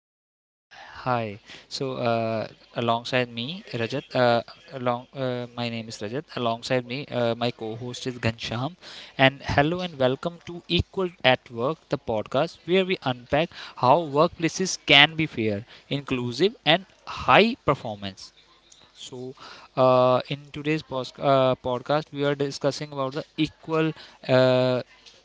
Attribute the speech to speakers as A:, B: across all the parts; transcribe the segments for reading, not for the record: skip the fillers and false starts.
A: Uh,
B: Hi.
A: hi. So, uh, Alongside me, Rajat. My name is Rajat. Alongside me, my co-host is Gansham. And hello and welcome to Equal at Work, the podcast where we unpack how workplaces can be fair, inclusive, and high performance. So, in today's podcast, we are discussing about the equal uh,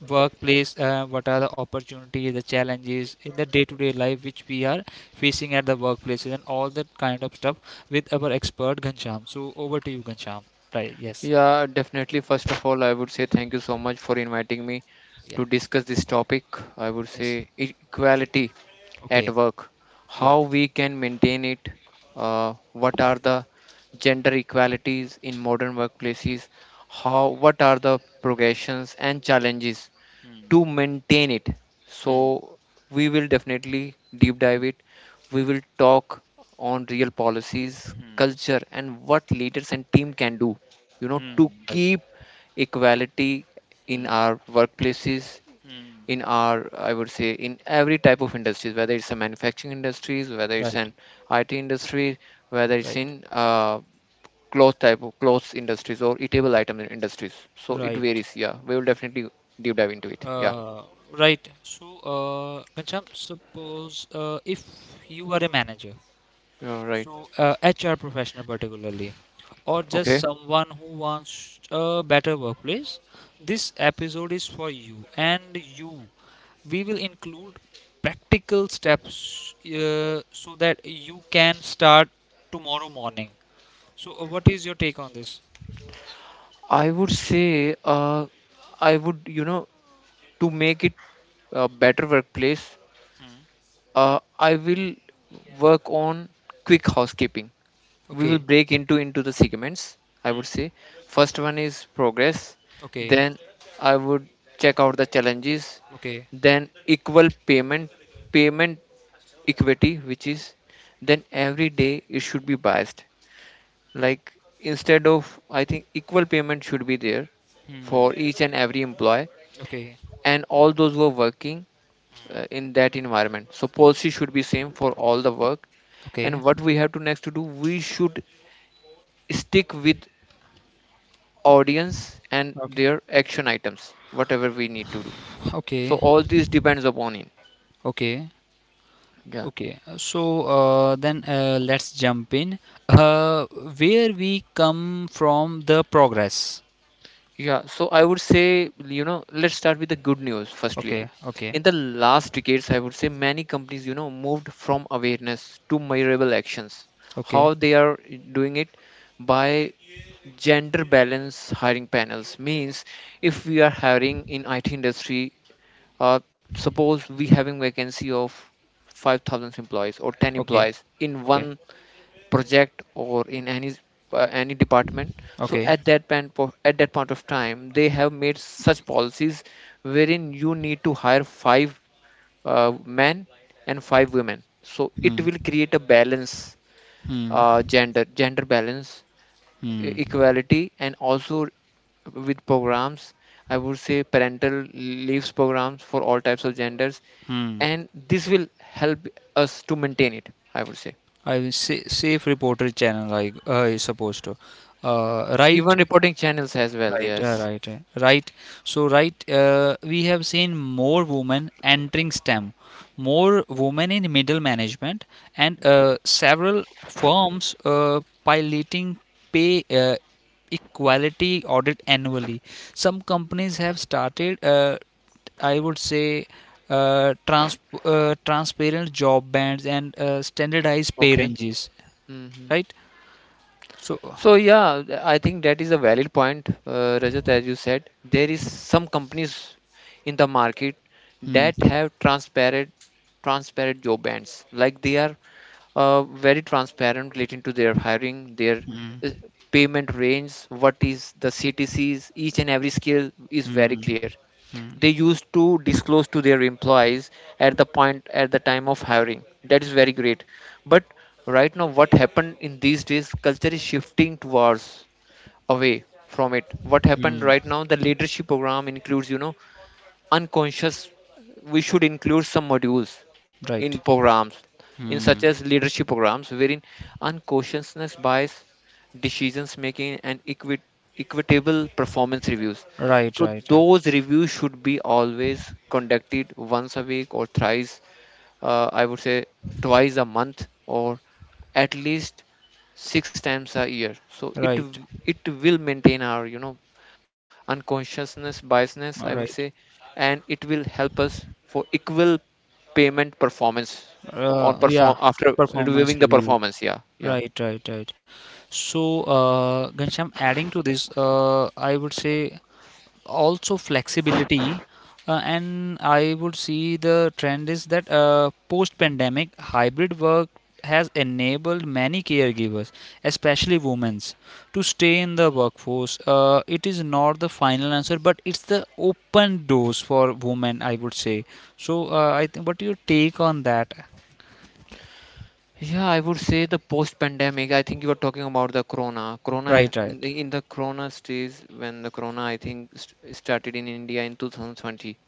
A: workplace. What are the opportunities, the challenges in the day-to-day life which we are facing at the workplaces, and all that kind of stuff with our expert Gansham. So, over to you, Gansham. Right? Yes.
B: Yeah, definitely. First of all, I would say thank you so much for inviting me
A: Yeah.
B: to discuss this topic. I would
A: Yes.
B: say equality
A: Okay.
B: at work,
A: Yeah.
B: how we can maintain it, what are the gender equalities in modern workplaces, how what are the progressions and challenges to maintain it. So we will definitely deep dive it. We will talk on real policies, culture, and what leaders and team can do, you know, to
A: Right.
B: keep equality in our workplaces, in our, I would say, in every type of industries, whether it's a manufacturing industries, whether it's
A: Right.
B: an IT industry, whether
A: Right.
B: it's in cloth type of clothes industries or eatable item industries. So it
A: Right.
B: varies. Yeah, we will definitely deep dive into it. Yeah.
A: Uh, Gansham, suppose if you are a manager,
B: Yeah, right.
A: HR professional particularly, or just
B: Okay.
A: someone who wants a better workplace, this episode is for you and you. We will include practical steps so that you can start tomorrow morning. So, what is your take on this?
B: I would say, I would, you know, to make it a better workplace, I will work on quick housekeeping. We will
A: Okay.
B: break into the segments. I
A: Mm.
B: would say, first one is progress.
A: Okay.
B: Then I would check out the challenges.
A: Okay.
B: Then equal payment, payment equity, which is then every day it should be biased. Like, instead of, I think equal payment should be there
A: Hmm.
B: for each and every employee
A: Okay.
B: and all those who are working in that environment, so policy should be same for all the work. And
A: Okay.
B: what we have to next to do, we should stick with audience and
A: Okay.
B: their action items, whatever we need to do. So
A: Okay.
B: all this depends upon it.
A: Okay.
B: Yeah.
A: Okay, so then let's jump in uh, where we come from the progress.
B: Yeah, so I would say, let's start with the good news firstly.
A: Okay, okay,
B: In the last decades, I would say many companies, moved from awareness to measurable actions.
A: okay,
B: How they are doing it by gender balance hiring panels, means if we are hiring in IT industry, uh, suppose we having vacancy of 5,000 employees or 10
A: okay,
B: employees in
A: okay,
B: one project or in any department, so
A: okay.
B: at that point of time they have made such policies wherein you need to hire five men and five women, so it will create a balance,
A: Hmm,
B: gender balance
A: hmm,
B: equality. And also with programs, I would say parental leaves programs for all types of genders.
A: hmm.
B: And this will help us to maintain it, I would say,
A: I will say safe reporter channel, I suppose to. Right.
B: even reporting channels as well.
A: Right, uh,
B: Yes.
A: right, uh, right. So, right, uh, we have seen more women entering STEM, more women in middle management, and several firms piloting pay equality audit annually. Some companies have started, I would say, uh, trans transparent job bands and standardized pay
B: Okay.
A: ranges.
B: Hmm.
A: Right. So,
B: So yeah, I think that is a valid point, Rajat, as you said. There is some companies in the market
A: hmm,
B: that have transparent job bands. Like, they are uh, very transparent relating to their hiring, their uh, payment range, what is the CTCs, each and every skill is very
A: hmm,
B: clear. They used to disclose to their employees at the time of hiring. That is very great, but right now what happened in these days, culture is shifting towards away from it. What happened
A: hmm,
B: right now, the leadership program includes, unconscious, we should include some modules
A: right.
B: in programs, in such
A: Hmm.
B: as leadership programs wherein unconsciousness bias, decisions making, and equitable performance reviews.
A: Right,
B: So
A: right, uh,
B: those reviews should be always conducted once a week or thrice, I would say, twice a month, or at least six times a year. So
A: right,
B: it will maintain our, unconsciousness biasness,
A: uh,
B: I would
A: right.
B: say, and it will help us for equal payment performance on
A: Uh,
B: perform
A: yeah,
B: after reviewing
A: performance
B: the
A: review.
B: performance. Yeah, yeah.
A: Right, right, right. So, Ghanshyam, adding to this, I would say also flexibility, and I would see the trend is that post pandemic hybrid work has enabled many caregivers, especially women's, to stay in the workforce. Uh, it is not the final answer, but it's the open doors for women, I would say. So I think what your take on that?
B: Yeah, I would say the post-pandemic. I think you were talking about the corona. Corona
A: Right,
B: in
A: right,
B: the corona stage, when the corona, I think, st started in India in 2020.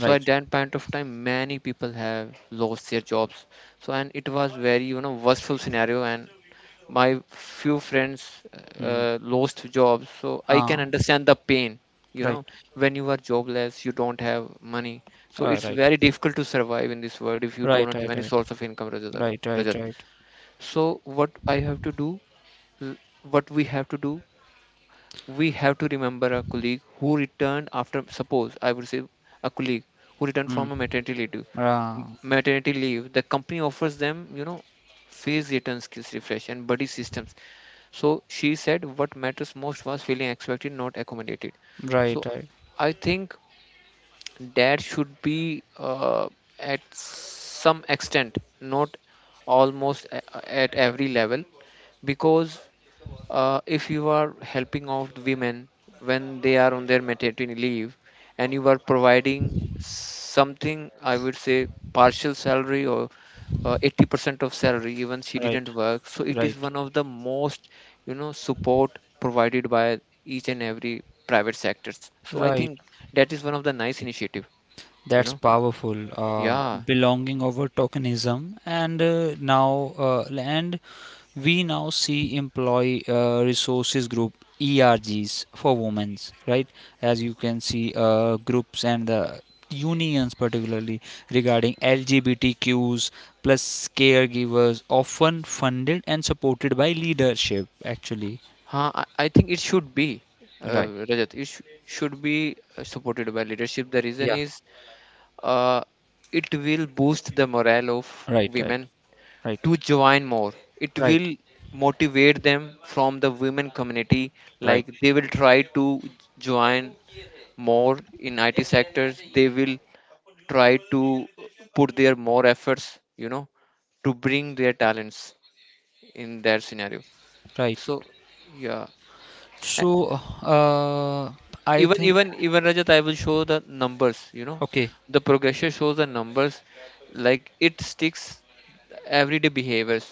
B: So at that point of time, many people have lost their jobs. So and it was very, worstful scenario. And my few friends
A: Hmm.
B: lost jobs, so I can
A: Ah,
B: understand the pain, you
A: right.
B: know, when you are jobless you don't have money. So
A: Uh,
B: it's
A: right,
B: very difficult to survive in this world if you do
A: right,
B: not
A: right,
B: have any source of income, Rajat.
A: right, right,
B: Rajat.
A: right, right.
B: So what I have to do what we have to do, we have to remember a colleague who returned after, suppose I would say, a colleague who returned
A: Mm.
B: from a maternity leave
A: Ah,
B: maternity leave. The company offers them, you know, phase return, skills refresh, and buddy systems. So she said what matters most was feeling expected, not accommodated.
A: right,
B: So
A: right.
B: I think that should be at some extent, not almost at every level, because if you are helping out women when they are on their maternity leave and you are providing something, I would say, partial salary or 80% of salary, even she
A: Right,
B: didn't work. So it is
A: right,
B: one of the most, you know, support provided by each and every private sectors. So I
A: right.
B: think that is one of the nice initiative you
A: That's
B: know
A: powerful.
B: yeah.
A: Belonging over tokenism, and now and we now see employee resources group, ERGs for women's right. As you can see, groups and the unions, particularly regarding LGBTQs plus caregivers, often funded and supported by leadership. Actually,
B: I think it should be
A: right.
B: Rajat, should be supported by leadership. The reason
A: Yeah.
B: is uh, it will boost the morale of
A: Right. Right.
B: women
A: Right.
B: to join more. It
A: Right.
B: will motivate them from the women community.
A: Right.
B: Like, they will try to join more in IT sectors. They will try to put their more efforts, to bring their talents in that scenario.
A: Right.
B: So yeah. A-
A: So, uh, I
B: even
A: think
B: even even Rajat, I will show the numbers.
A: okay,
B: The progression shows the numbers, like it sticks everyday behaviors,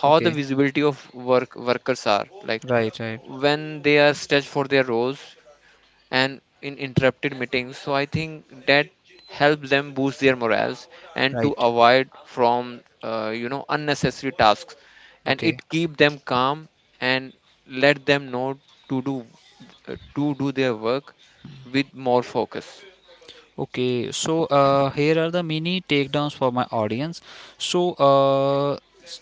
B: how the
A: okay,
B: visibility of workers are, like
A: right, right,
B: when they are stretched for their roles and in interrupted meetings. So I think that helps them boost their morals and to
A: right,
B: avoid from unnecessary tasks, and
A: okay,
B: it keep them calm and let them know to do to do their work with more focus.
A: okay. So, here are the mini takedowns for my audience. So, s-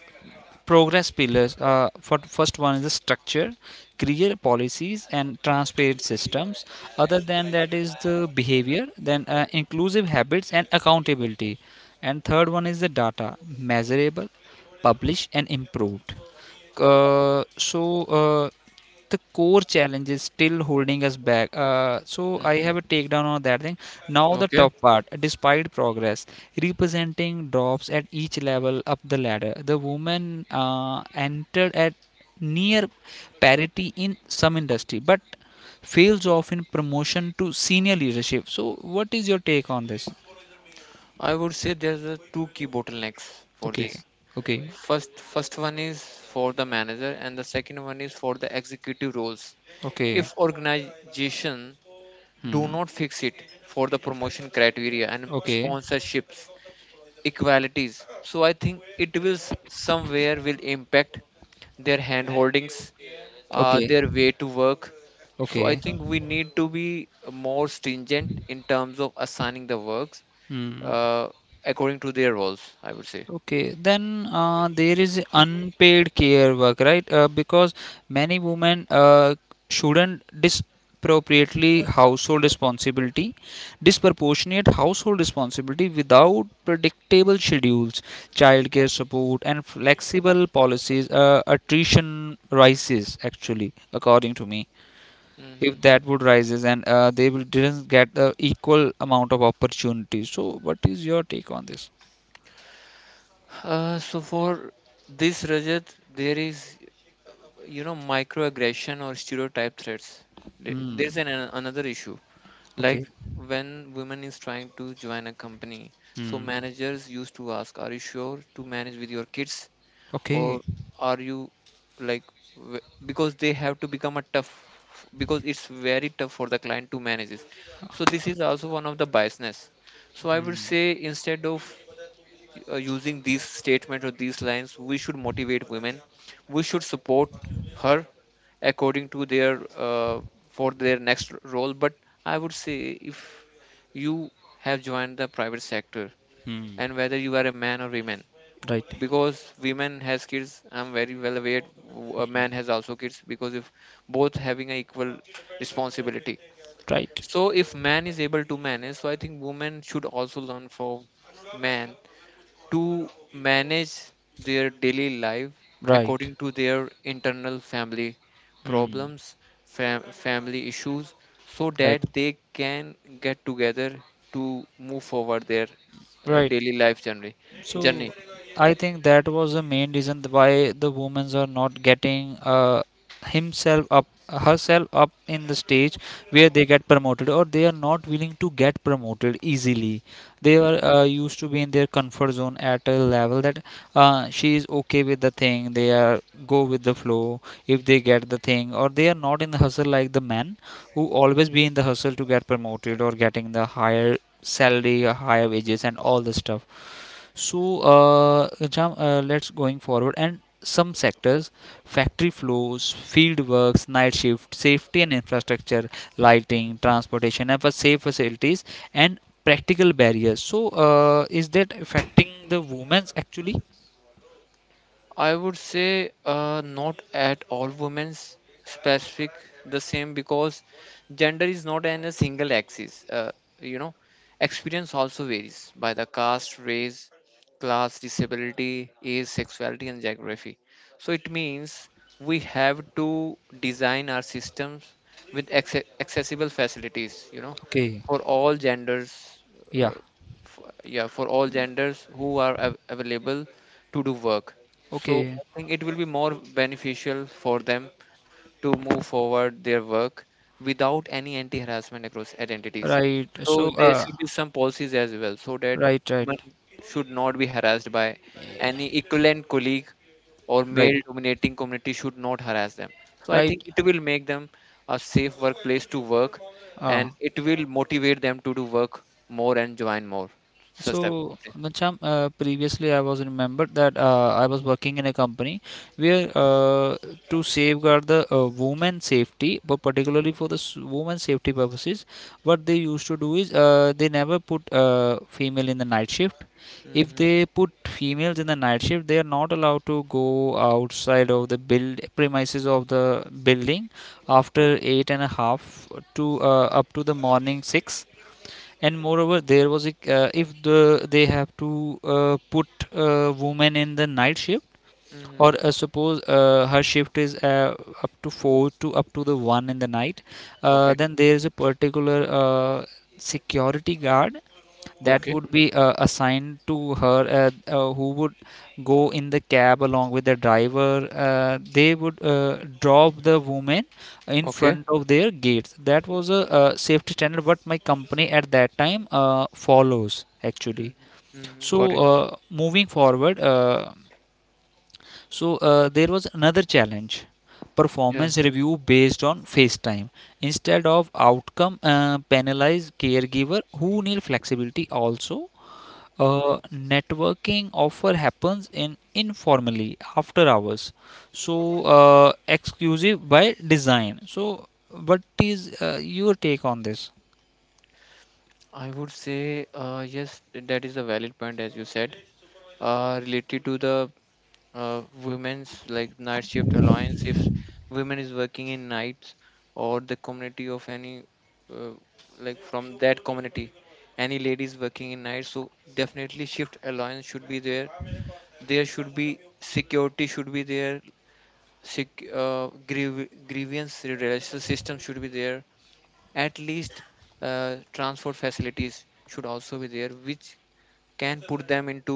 A: progress pillars. For first one is the structure, clear policies and transparent systems. Other than that is the behavior, then inclusive habits and accountability. And third one is the data, measurable, published and improved. So the core challenge is still holding us back. So I
B: Hmm.
A: have a takedown on that thing. Now the
B: Okay.
A: tough part, despite progress, representing drops at each level up the ladder. The woman entered at near parity in some industry, but fails off in promotion to senior leadership. So what is your take on this?
B: I would say there's a two key bottlenecks for this.
A: Okay, okay,
B: First, one is for the manager, and the second one is for the executive roles.
A: okay,
B: If organization do
A: hmm,
B: not fix it for the promotion criteria and
A: okay,
B: sponsorships, equalities, so I think somewhere will impact their hand holdings,
A: okay,
B: their way to work. So I
A: okay.
B: think we need to be more stringent in terms of assigning the works
A: Hmm.
B: uh, according to their roles, I would say.
A: Okay, then there is unpaid care work, right? Because many women shouldn't disproportionately household responsibility, disproportionate household responsibility without predictable schedules, childcare support, and flexible policies. Attrition rises actually, according to me.
B: Mhm.
A: If that would rises and they will didn't get the equal amount of opportunities. So, what is your take on this?
B: So for this, Rajat, there is, you know, microaggression or stereotype threats. There's
A: Hmm.
B: another issue, like
A: Okay.
B: when women is trying to join a company. So
A: Hmm.
B: managers used to ask, "Are you sure to manage with your kids, or
A: Okay.
B: are you like, w- because they have to become a tough, because it's very tough for the client to manage this." So this is also one of the biasness. So I would say, instead of using these statements or these lines, we should motivate women, we should support her according to their for their next role. But I would say, if you have joined the private sector,
A: Hmm.
B: and whether you are a man or woman,
A: Right.
B: because women has kids, I'm very well aware a man has also kids. Because if both having an equal responsibility,
A: Right.
B: so if man is able to manage, so I think women should also learn from man to manage their daily life
A: Right.
B: according to their internal family
A: Hmm.
B: problems, family issues, so
A: Right.
B: that they can get together to move forward their
A: Right.
B: daily life journey. Journey.
A: So I think that was the main reason why the women's are not getting himself up, herself up in the stage where they get promoted or they are not willing to get promoted easily. They
B: Hmm.
A: are used to be in their comfort zone at a level that she is okay with the thing. They are go with the flow if they get the thing, or they are not in the hustle like the men who always be in the hustle to get promoted or getting the higher salary or higher wages and all the stuff. So, Jam, let's going forward, and some sectors, factory floors, field works, night shift, safety and infrastructure, lighting, transportation, and for safe facilities and practical barriers. So, is that affecting the women's actually?
B: I would say not at all women's specific, the same, because gender is not in a single axis. You know, experience also varies by the caste, race, class, disability, age, sexuality, and geography. So it means we have to design our systems with accessible facilities, you know,
A: Okay.
B: for all genders.
A: Yeah.
B: Uh, yeah, for all genders who are available to do work. So
A: Okay.
B: I think it will be more beneficial for them to move forward their work without any anti-harassment across identities.
A: Right. So,
B: So there should be some policies as well, so that
A: right, right,
B: women should not be harassed by any equivalent colleague, or
A: right,
B: male-dominating community should not harass them. So I think
A: right.
B: it will make them a safe workplace to work,
A: Uh,
B: and it will motivate them to do work more and join more such type of
A: so,
B: companies.
A: Ghanshyam, previously I was remembered that I was working in a company where to safeguard the woman safety, but
B: Mm,
A: particularly for the woman safety purposes, what they used to do is they never put female in the night shift.
B: mm,
A: If
B: mhm,
A: they put females in the night shift, they are not allowed to go outside of the build premises of the building after eight and a half to up to the morning six. And moreover, there was a if the they have to put a woman in the night shift,
B: mhm.
A: or suppose her shift is up to four to up to the one in the night,
B: Okay.
A: then there is a particular security guard that
B: Okay.
A: would be assigned to her, who would go in the cab along with the driver. They would drop the woman in
B: Okay.
A: front of their gates. That was a uh, safety standard what my company at that time follows actually.
B: Mhm. Mhm.
A: So
B: Got it.
A: moving forward, there was another challenge:
B: Yeah.
A: performance review based on FaceTime instead of outcome, penalize caregiver who need flexibility also.
B: Mhm.
A: Uh, networking offer happens in informally after hours. So exclusive by design. So what is your take on this?
B: I would say yes, that is a valid point, as you said. Related to the women's like night shift alliance, if women is working in nights, or the community of any, uh, like from that community, any ladies working in night, so definitely shift alliance should be there. There should be security should be there. Grievance redressal system should be there, at least transport facilities should also be there, which can put them into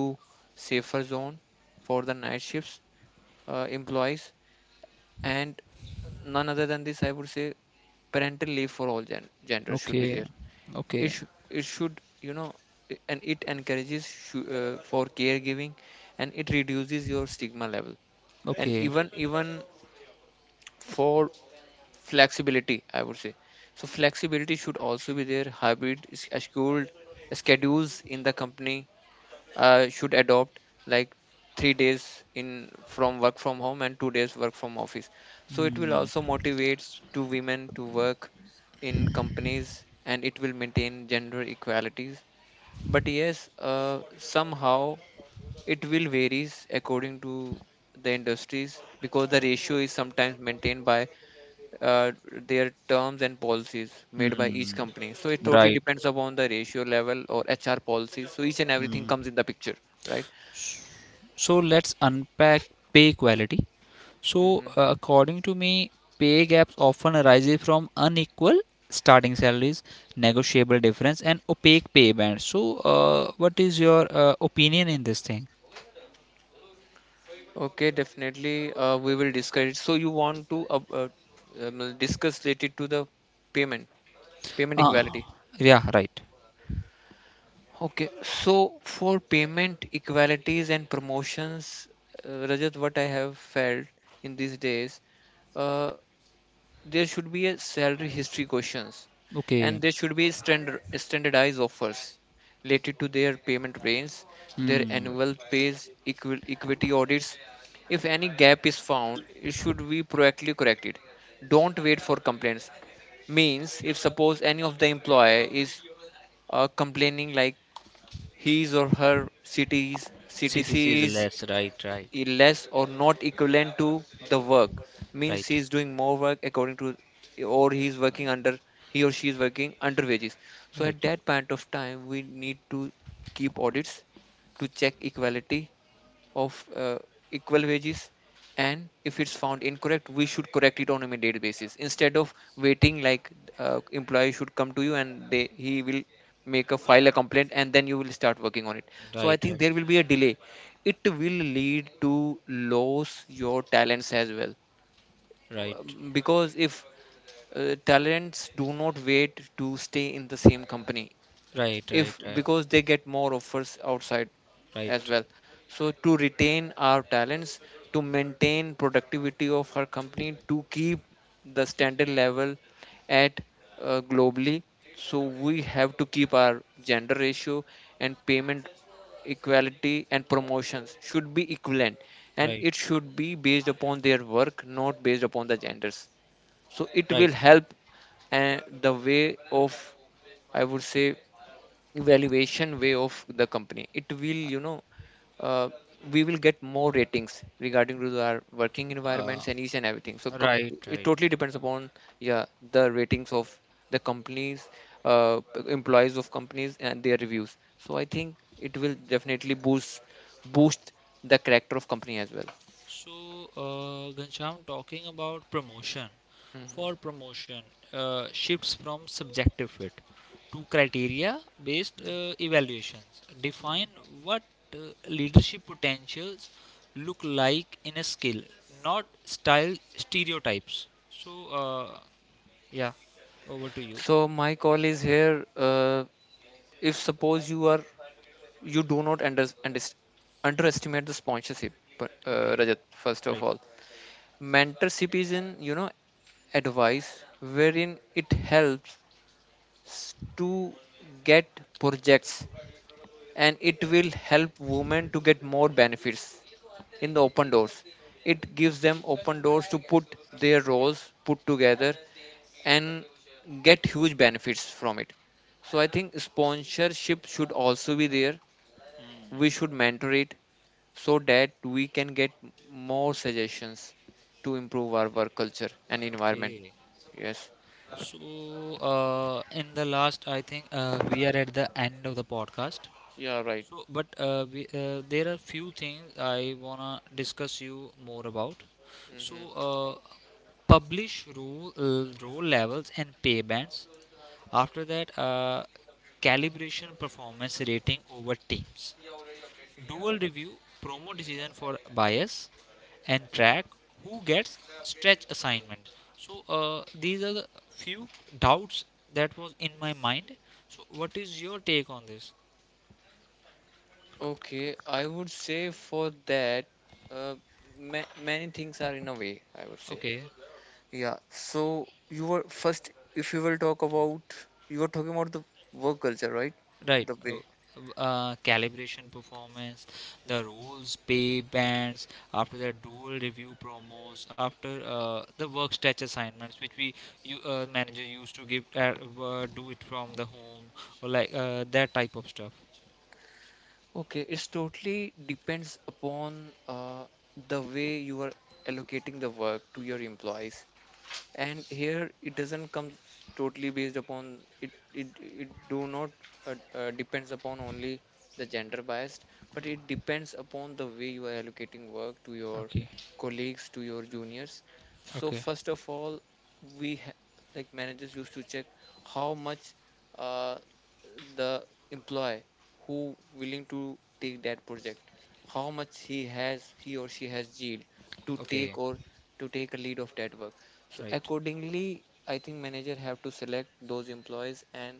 B: safer zone for the night shifts employees. And none other than this, I would say parental leave for all genders should be
A: Okay,
B: there. it,
A: okay,
B: sh- it should, and it encourages for caregiving and it reduces your stigma level. And
A: okay.
B: even for flexibility, I would say, so flexibility should also be there. Hybrid s- scheduled schedules in the company should adopt, like, 3 days in from work from home and 2 days work from office. So it will also motivate to women to work in companies, and it will maintain gender equalities. But yes, somehow it will varies according to the industries, because the ratio is sometimes maintained by uh, their terms and policies made by each
A: Hmm.
B: company. So it totally
A: Right.
B: depends upon the ratio level or HR policies. So each and everything comes in the picture, right?
A: So let's unpack pay quality.
B: Hmm.
A: So according to me, pay gaps often arises from unequal starting salaries, negotiable difference, and opaque pay bands. So what is your opinion in this thing?
B: Okay, definitely. We will discuss it. So you want to discuss related to the payment, payment equality.
A: Ah, yeah, right.
B: Okay, so for payment equalities and promotions, Rajat, what I have felt in these days. uh, there should be a salary history questions, and
A: Okay.
B: there should be standardized offers related to their payment plans, their
A: Hmm.
B: annual pays equity audits. If any gap is found, it should be proactively corrected. Don't wait for complaints. Means if suppose any of the employee is complaining like his or her cities
A: CTC
B: CTC
A: is less. Right, right,
B: is less or not equivalent to the work. Means he
A: right,
B: is doing more work according to, or he is working under, he or she is working under wages. So
A: right,
B: at that point of time we need to keep audits to check equality of equal wages, and if it's found incorrect, we should correct it on immediate basis, instead of waiting like employee should come to you and they he will make a file a complaint and then you will start working on it. So I
A: right,
B: think
A: right,
B: there will be a delay, it will lead to lose your talents as well.
A: right,
B: Because if talents do not wait to stay in the same company,
A: right, right,
B: if because they get more offers outside
A: right,
B: as
A: right,
B: well. So to retain our talents, to maintain productivity of our company, to keep the standard level at globally, so we have to keep our gender ratio, and payment equality and promotions should be equivalent, and
A: right,
B: it should be based upon their work, not based upon the genders. So it
A: right.
B: will help. And the way of, I would say, valuation way of the company, it will, you know, uh, we will get more ratings regarding to our working
A: Uh,
B: environments and each and everything.
A: right,
B: It
A: right.
B: totally depends upon, yeah, the ratings of the companies, uh, employees of companies and their reviews. So I think it will definitely boost the character of company as well.
A: So, Ghanshyam, talking about promotion.
B: Mhm.
A: For promotion, shifts from subjective fit to criteria based evaluations. Define what uh, leadership potentials look like in a skill, not style stereotypes. So, yeah, over to you.
B: So my call is here, if suppose you are, you do not underestimate the sponsorship,
A: Okay,
B: Rajat, first of
A: right.
B: all. Mentorship is, in, you know, advice wherein it helps to get projects, and it will help women to get more benefits in the open doors. It gives them open doors to put their roles put together and get huge benefits from it. So I think sponsorship should also be there. We should mentor it, so that we can get more suggestions to improve our work culture and environment.
A: Okay.
B: Yes,
A: So, in the last, I think we are at the end of the podcast.
B: yeah, right.
A: So, but we, there are few things I wanna discuss you more about. So,
B: Hmm.
A: uh, publish rule role levels and pay bands. After that, calibration performance rating over teams. Dual review, promo decision for bias, and track who gets stretch assignments. So these are the few doubts that was in my mind. So what is your take on this?
B: Okay, I would say for that, uh, many things are in a way, I would say.
A: Okay,
B: Yeah, so you were first, if you will talk about, you were talking about the work culture, right?
A: right.
B: The way.
A: Calibration performance, the rules, pay bands, after that dual review promos, after the work stretch assignments, which we you, manager used to give, do it from the home, or like that type of stuff.
B: Okay, it's totally depends upon the way you are allocating the work to your employees, and here it doesn't come totally based upon it do not depends upon only the gender biased, but it depends upon the way you are allocating work to your
A: Okay,
B: colleagues, to your juniors. So
A: okay,
B: first of all, we ha- like managers used to check how much uh, the employee who willing to take that project, how much he has, he or she has yield to
A: okay.
B: take, or to take a lead of that work. So
A: Right,
B: accordingly, I think manager have to select those employees and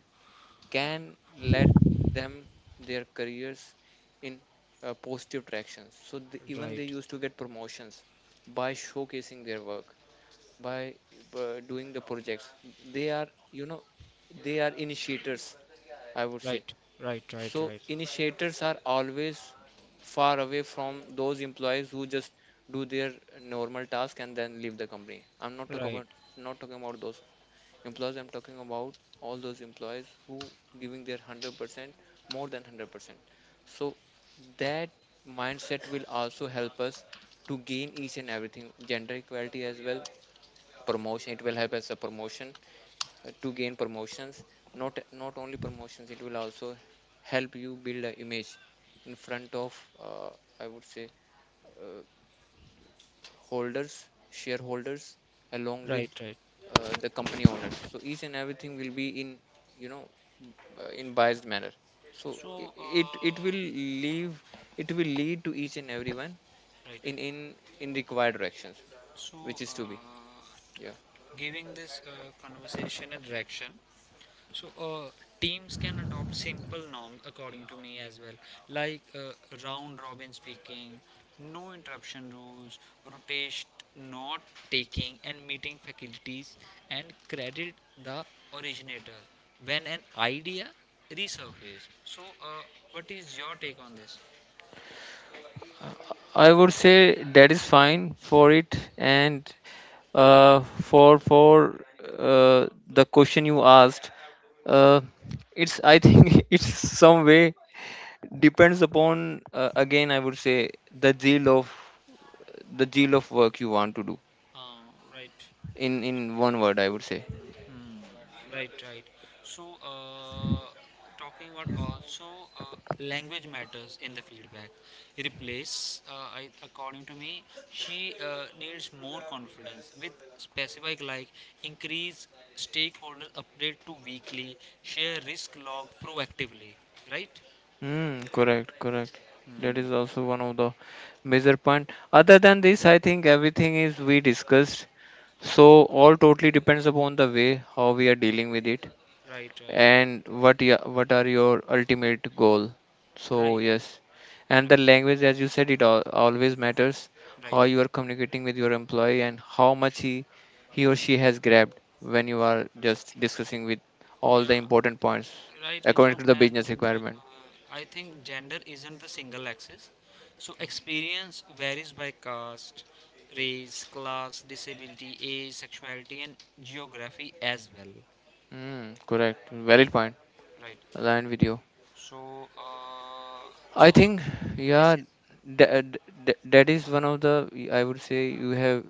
B: can let them their careers in positive directions. So the, even they
A: right,
B: used to get promotions by showcasing their work, by doing the projects. They are, you know, they are initiators, I would say.
A: right, right,
B: So
A: right,
B: initiators are always far away from those employees who just do their normal task and then leave the company. I'm not
A: right,
B: talking
A: right,
B: about, not talking about those employees. I'm talking about all those employees who giving their 100%, more than 100%. So that mindset will also help us to gain each and everything, gender equality as well, promotion. It will help us a promotion, to gain promotions, not only promotions, it will also help you build an image in front of, uh, I would say, uh, holders, shareholders, along
A: right,
B: with
A: right.
B: the company owners. So each and everything will be in, you know, in biased manner. so
A: So,
B: i- it it will leave, it will lead to each and everyone
A: right.
B: in in required directions,
A: So,
B: which is to be, yeah.
A: giving this conversation a direction. So, teams can adopt simple norms according to me as well, like round robin speaking, no interruption rules, rotation not taking, and meeting faculties, and credit the originator when an idea resurfaces. So, what is your take on this?
B: I would say that is fine for it. And uh, for the question you asked, uh, it's, I think it's some way depends upon, again I would say, the zeal of the zeal of work you want to do,
A: Right.
B: in one word I would say.
A: Right, right. So, uh, talking about also language matters in the feedback. Replace, I, according to me, she needs more confidence with specific like increase stakeholder update to weekly, share risk log proactively. Right,
B: Mm, correct. That is also one of the major point. Other than this, I think everything is we discussed. So all totally depends upon the way how we are dealing with it,
A: right, right,
B: and what ya what are your ultimate goal. So
A: right,
B: yes,
A: right,
B: and the language, as you said, it al always matters,
A: right.
B: how you are communicating with your employee and how much he or she has grabbed when you are just discussing with
A: Yeah.
B: all the important points,
A: Right, Gincham,
B: according to the
A: and
B: business requirement.
A: I think gender isn't the single axis. So experience varies by caste, race, class, disability, age, sexuality, and geography as well.
B: Mm, correct,
A: Yeah,
B: valid point,
A: right.
B: aligned with you.
A: So, so
B: I think,
A: yes,
B: yeah,
A: yes,
B: that, that is one of the, I would say you have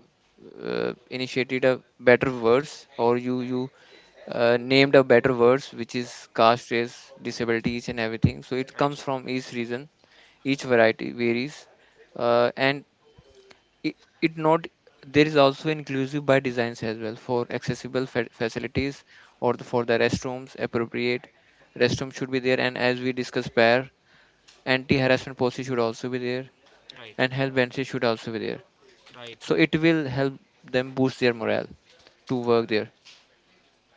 B: initiated a better verse or you named a better words, which is caste, race, disability, each and everything. So it
A: right,
B: comes from each region, each variety varies, and it, it not, there is also inclusive by designs as well, for accessible facilities, or the, for the restrooms, appropriate restroom should be there. And as we discussed prior, anti-harassment policy should also be there,
A: right,
B: and health benefits should also be there.
A: right,
B: So
A: right.
B: it will help them boost their morale to work there.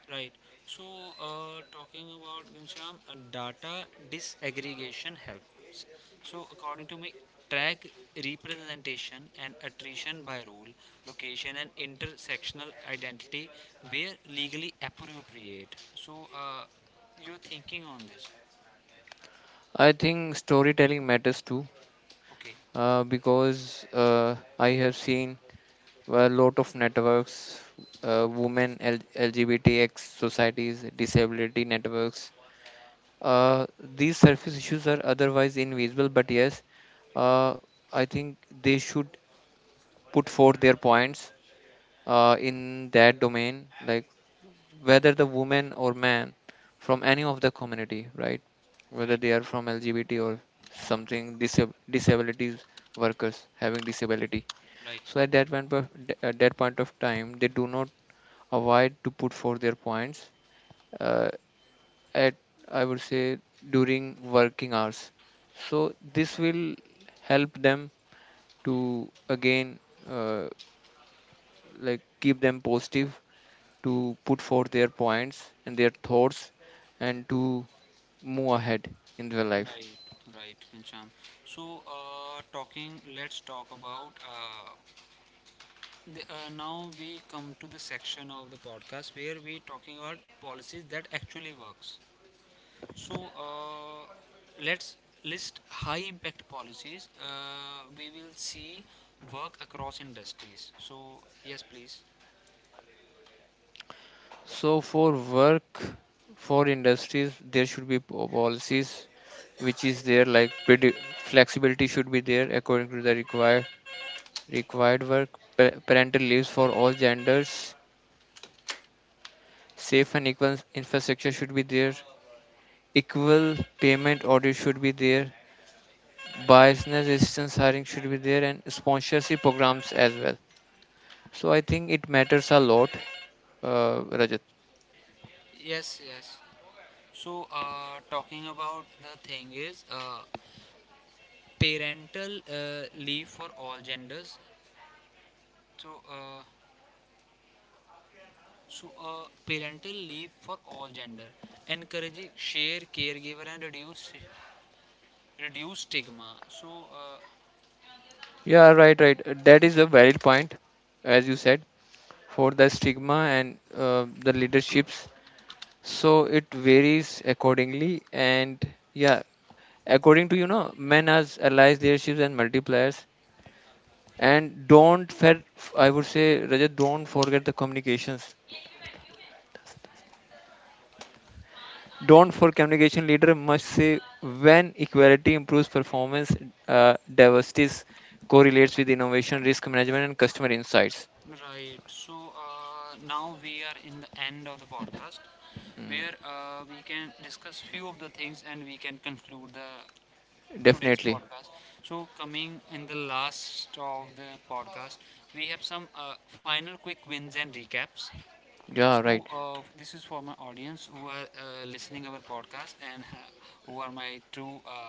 A: Right. So, talking about Ghanshyam, data disaggregation helps. So, according to me, track representation and attrition by role, location, and intersectional identity where legally appropriate. So, you're thinking on this.
B: I think storytelling matters too.
A: Okay.
B: Because I have seen a lot of networks, women, LGBTX societies, disability networks. These surface issues are otherwise invisible. But yes, uh, I think they should put forth their points in that domain, like whether the woman or man from any of the community, right?
A: Right.
B: Whether they are from LGBT or something, disabilities, workers having disability.
A: Right.
B: So at that point of, at that point of time, they do not avoid to put forth their points, uh, at, I would say, during working hours. So this will help them to, again, uh, like keep them positive, to put forth their points and their thoughts, and to move ahead in their
A: Right.
B: life.
A: Right, Ghanshyam. So, talking. Let's talk about. Now we come to the section of the podcast where we talking about policies that actually works. So let's list high impact policies. We will see work across industries. So yes, please.
B: So for work, for industries, there should be policies which is there, like flexibility should be there according to the required required work. Parental leaves for all genders. Safe and equal infrastructure should be there. Equal payment audit should be there. Biasness resistance hiring should be there, and sponsorship programs as well. So I think it matters a lot, Rajat.
A: Yes, yes. So, talking about the thing is parental leave for all genders. So, uh, So, parental leave for all gender, encouraging share caregiver and reduce stigma. So,
B: Yeah, right, right. That is a valid point, as you said, for the stigma and the leaderships. So it varies accordingly, and yeah, according to, you know, men as allies, leaderships and multipliers. And don't fer- I would say, Rajat, don't forget the communications. Don't for communication, leader must say when equality improves performance, uh, diversity correlates with innovation, risk management, and customer insights.
A: right. So now we are in the end of the podcast, where
B: Mm,
A: we can discuss few of the things and we can conclude the today's
B: definitely.
A: podcast. So, coming in the last of the podcast, we have some final quick wins and recaps.
B: Yeah,
A: So
B: right.
A: this is for my audience who are listening our podcast and who are my true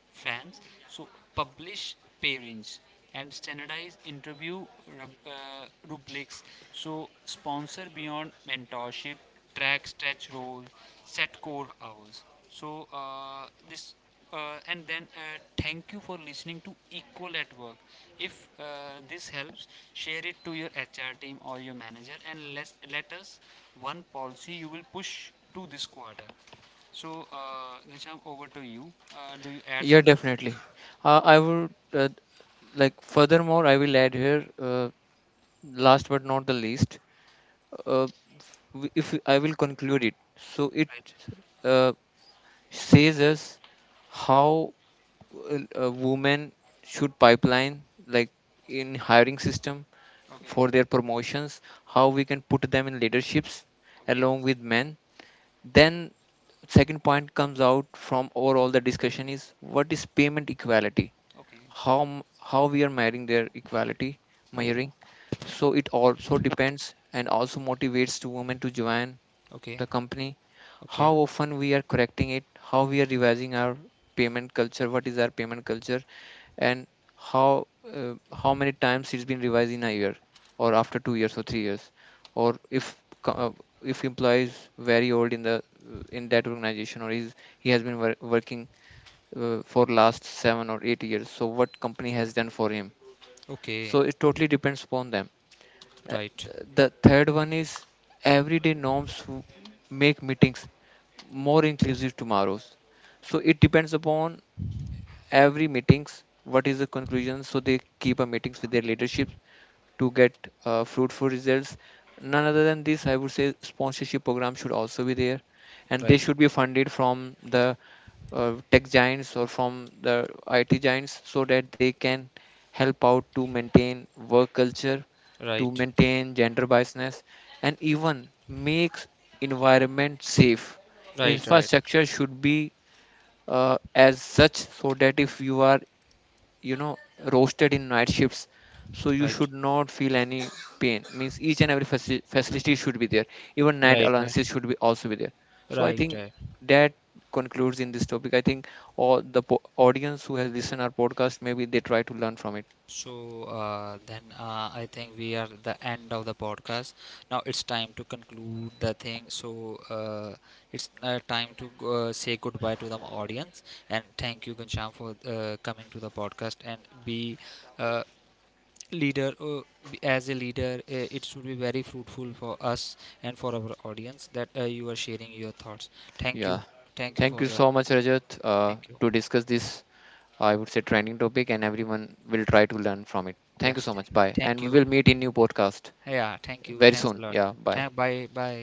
A: fans. So publish pairings and standardize interview rubrics. So sponsor beyond mentorship, track stretch roles, set core hours. So this and then thank you for listening to Equal at Work. If this helps, share it to your HR team or your manager, and let us one policy you will push to this quarter. So, Nisham, over to you. Do you add
B: Yeah,
A: something?
B: definitely. I would, like furthermore I will add here, last but not the least, uh, if I will conclude it, so
A: Right.
B: it uh, says us how a woman should pipeline, like in hiring system
A: Okay.
B: for their promotions, how we can put them in leaderships
A: Okay.
B: along with men. Then second point comes out from overall the discussion is, what is payment equality,
A: Okay.
B: how we are measuring their equality,
A: Okay.
B: measuring. So it also depends and also motivates to women to join
A: Okay.
B: the company.
A: Okay.
B: How often we are correcting it, how we are revising our payment culture, what is our payment culture, and how, how many times it's been revised in a year, or after 2 years or 3 years, or if employee is very old in the, in that organization, or is he has been working for last 7 or 8 years, so what company has done for him.
A: Okay.
B: So it totally depends upon them. Uh,
A: Right.
B: the third one is everyday norms, make meetings more inclusive tomorrows. So it depends upon every meetings, what is the conclusion. So they keep a meetings with their leadership to get fruitful results. None other than this, I would say sponsorship program should also be there, and
A: Right.
B: they should be funded from the tech giants or from the IT giants, so that they can help out to maintain work culture, to
A: Right.
B: maintain gender biasness, and even makes environment safe.
A: Right. Right.
B: Infrastructure should be as such, so that if you are, you know, roasted in night shifts, so you
A: Right.
B: should not feel any pain. Means each and every facility should be there,
A: Right.
B: even
A: Right.
B: night
A: Right.
B: allowances should be also be there. So I
A: Right.
B: think that concludes in this topic. I think all the audience who has listened our podcast, maybe they try to learn from it.
A: So then I think we are at the end of the podcast. Now it's time to conclude the thing. So it's time to say goodbye to the audience, and thank you, Gansham, for coming to the podcast and be uh, leader uh, as a leader. It should be very fruitful for us and for our audience that you are sharing your thoughts. Thank you.
B: Yeah,
A: Thank you for
B: thank
A: the
B: you so much, Rajat,
A: thank you.
B: to discuss this, I would say, trending topic, and everyone will try to learn from it.
A: Yeah,
B: Thank you so much, bye,
A: thank
B: and
A: you.
B: we will meet in new podcast
A: Yeah, thank you,
B: very
A: thanks a
B: soon.
A: lot.
B: Yeah, bye.
A: Bye bye.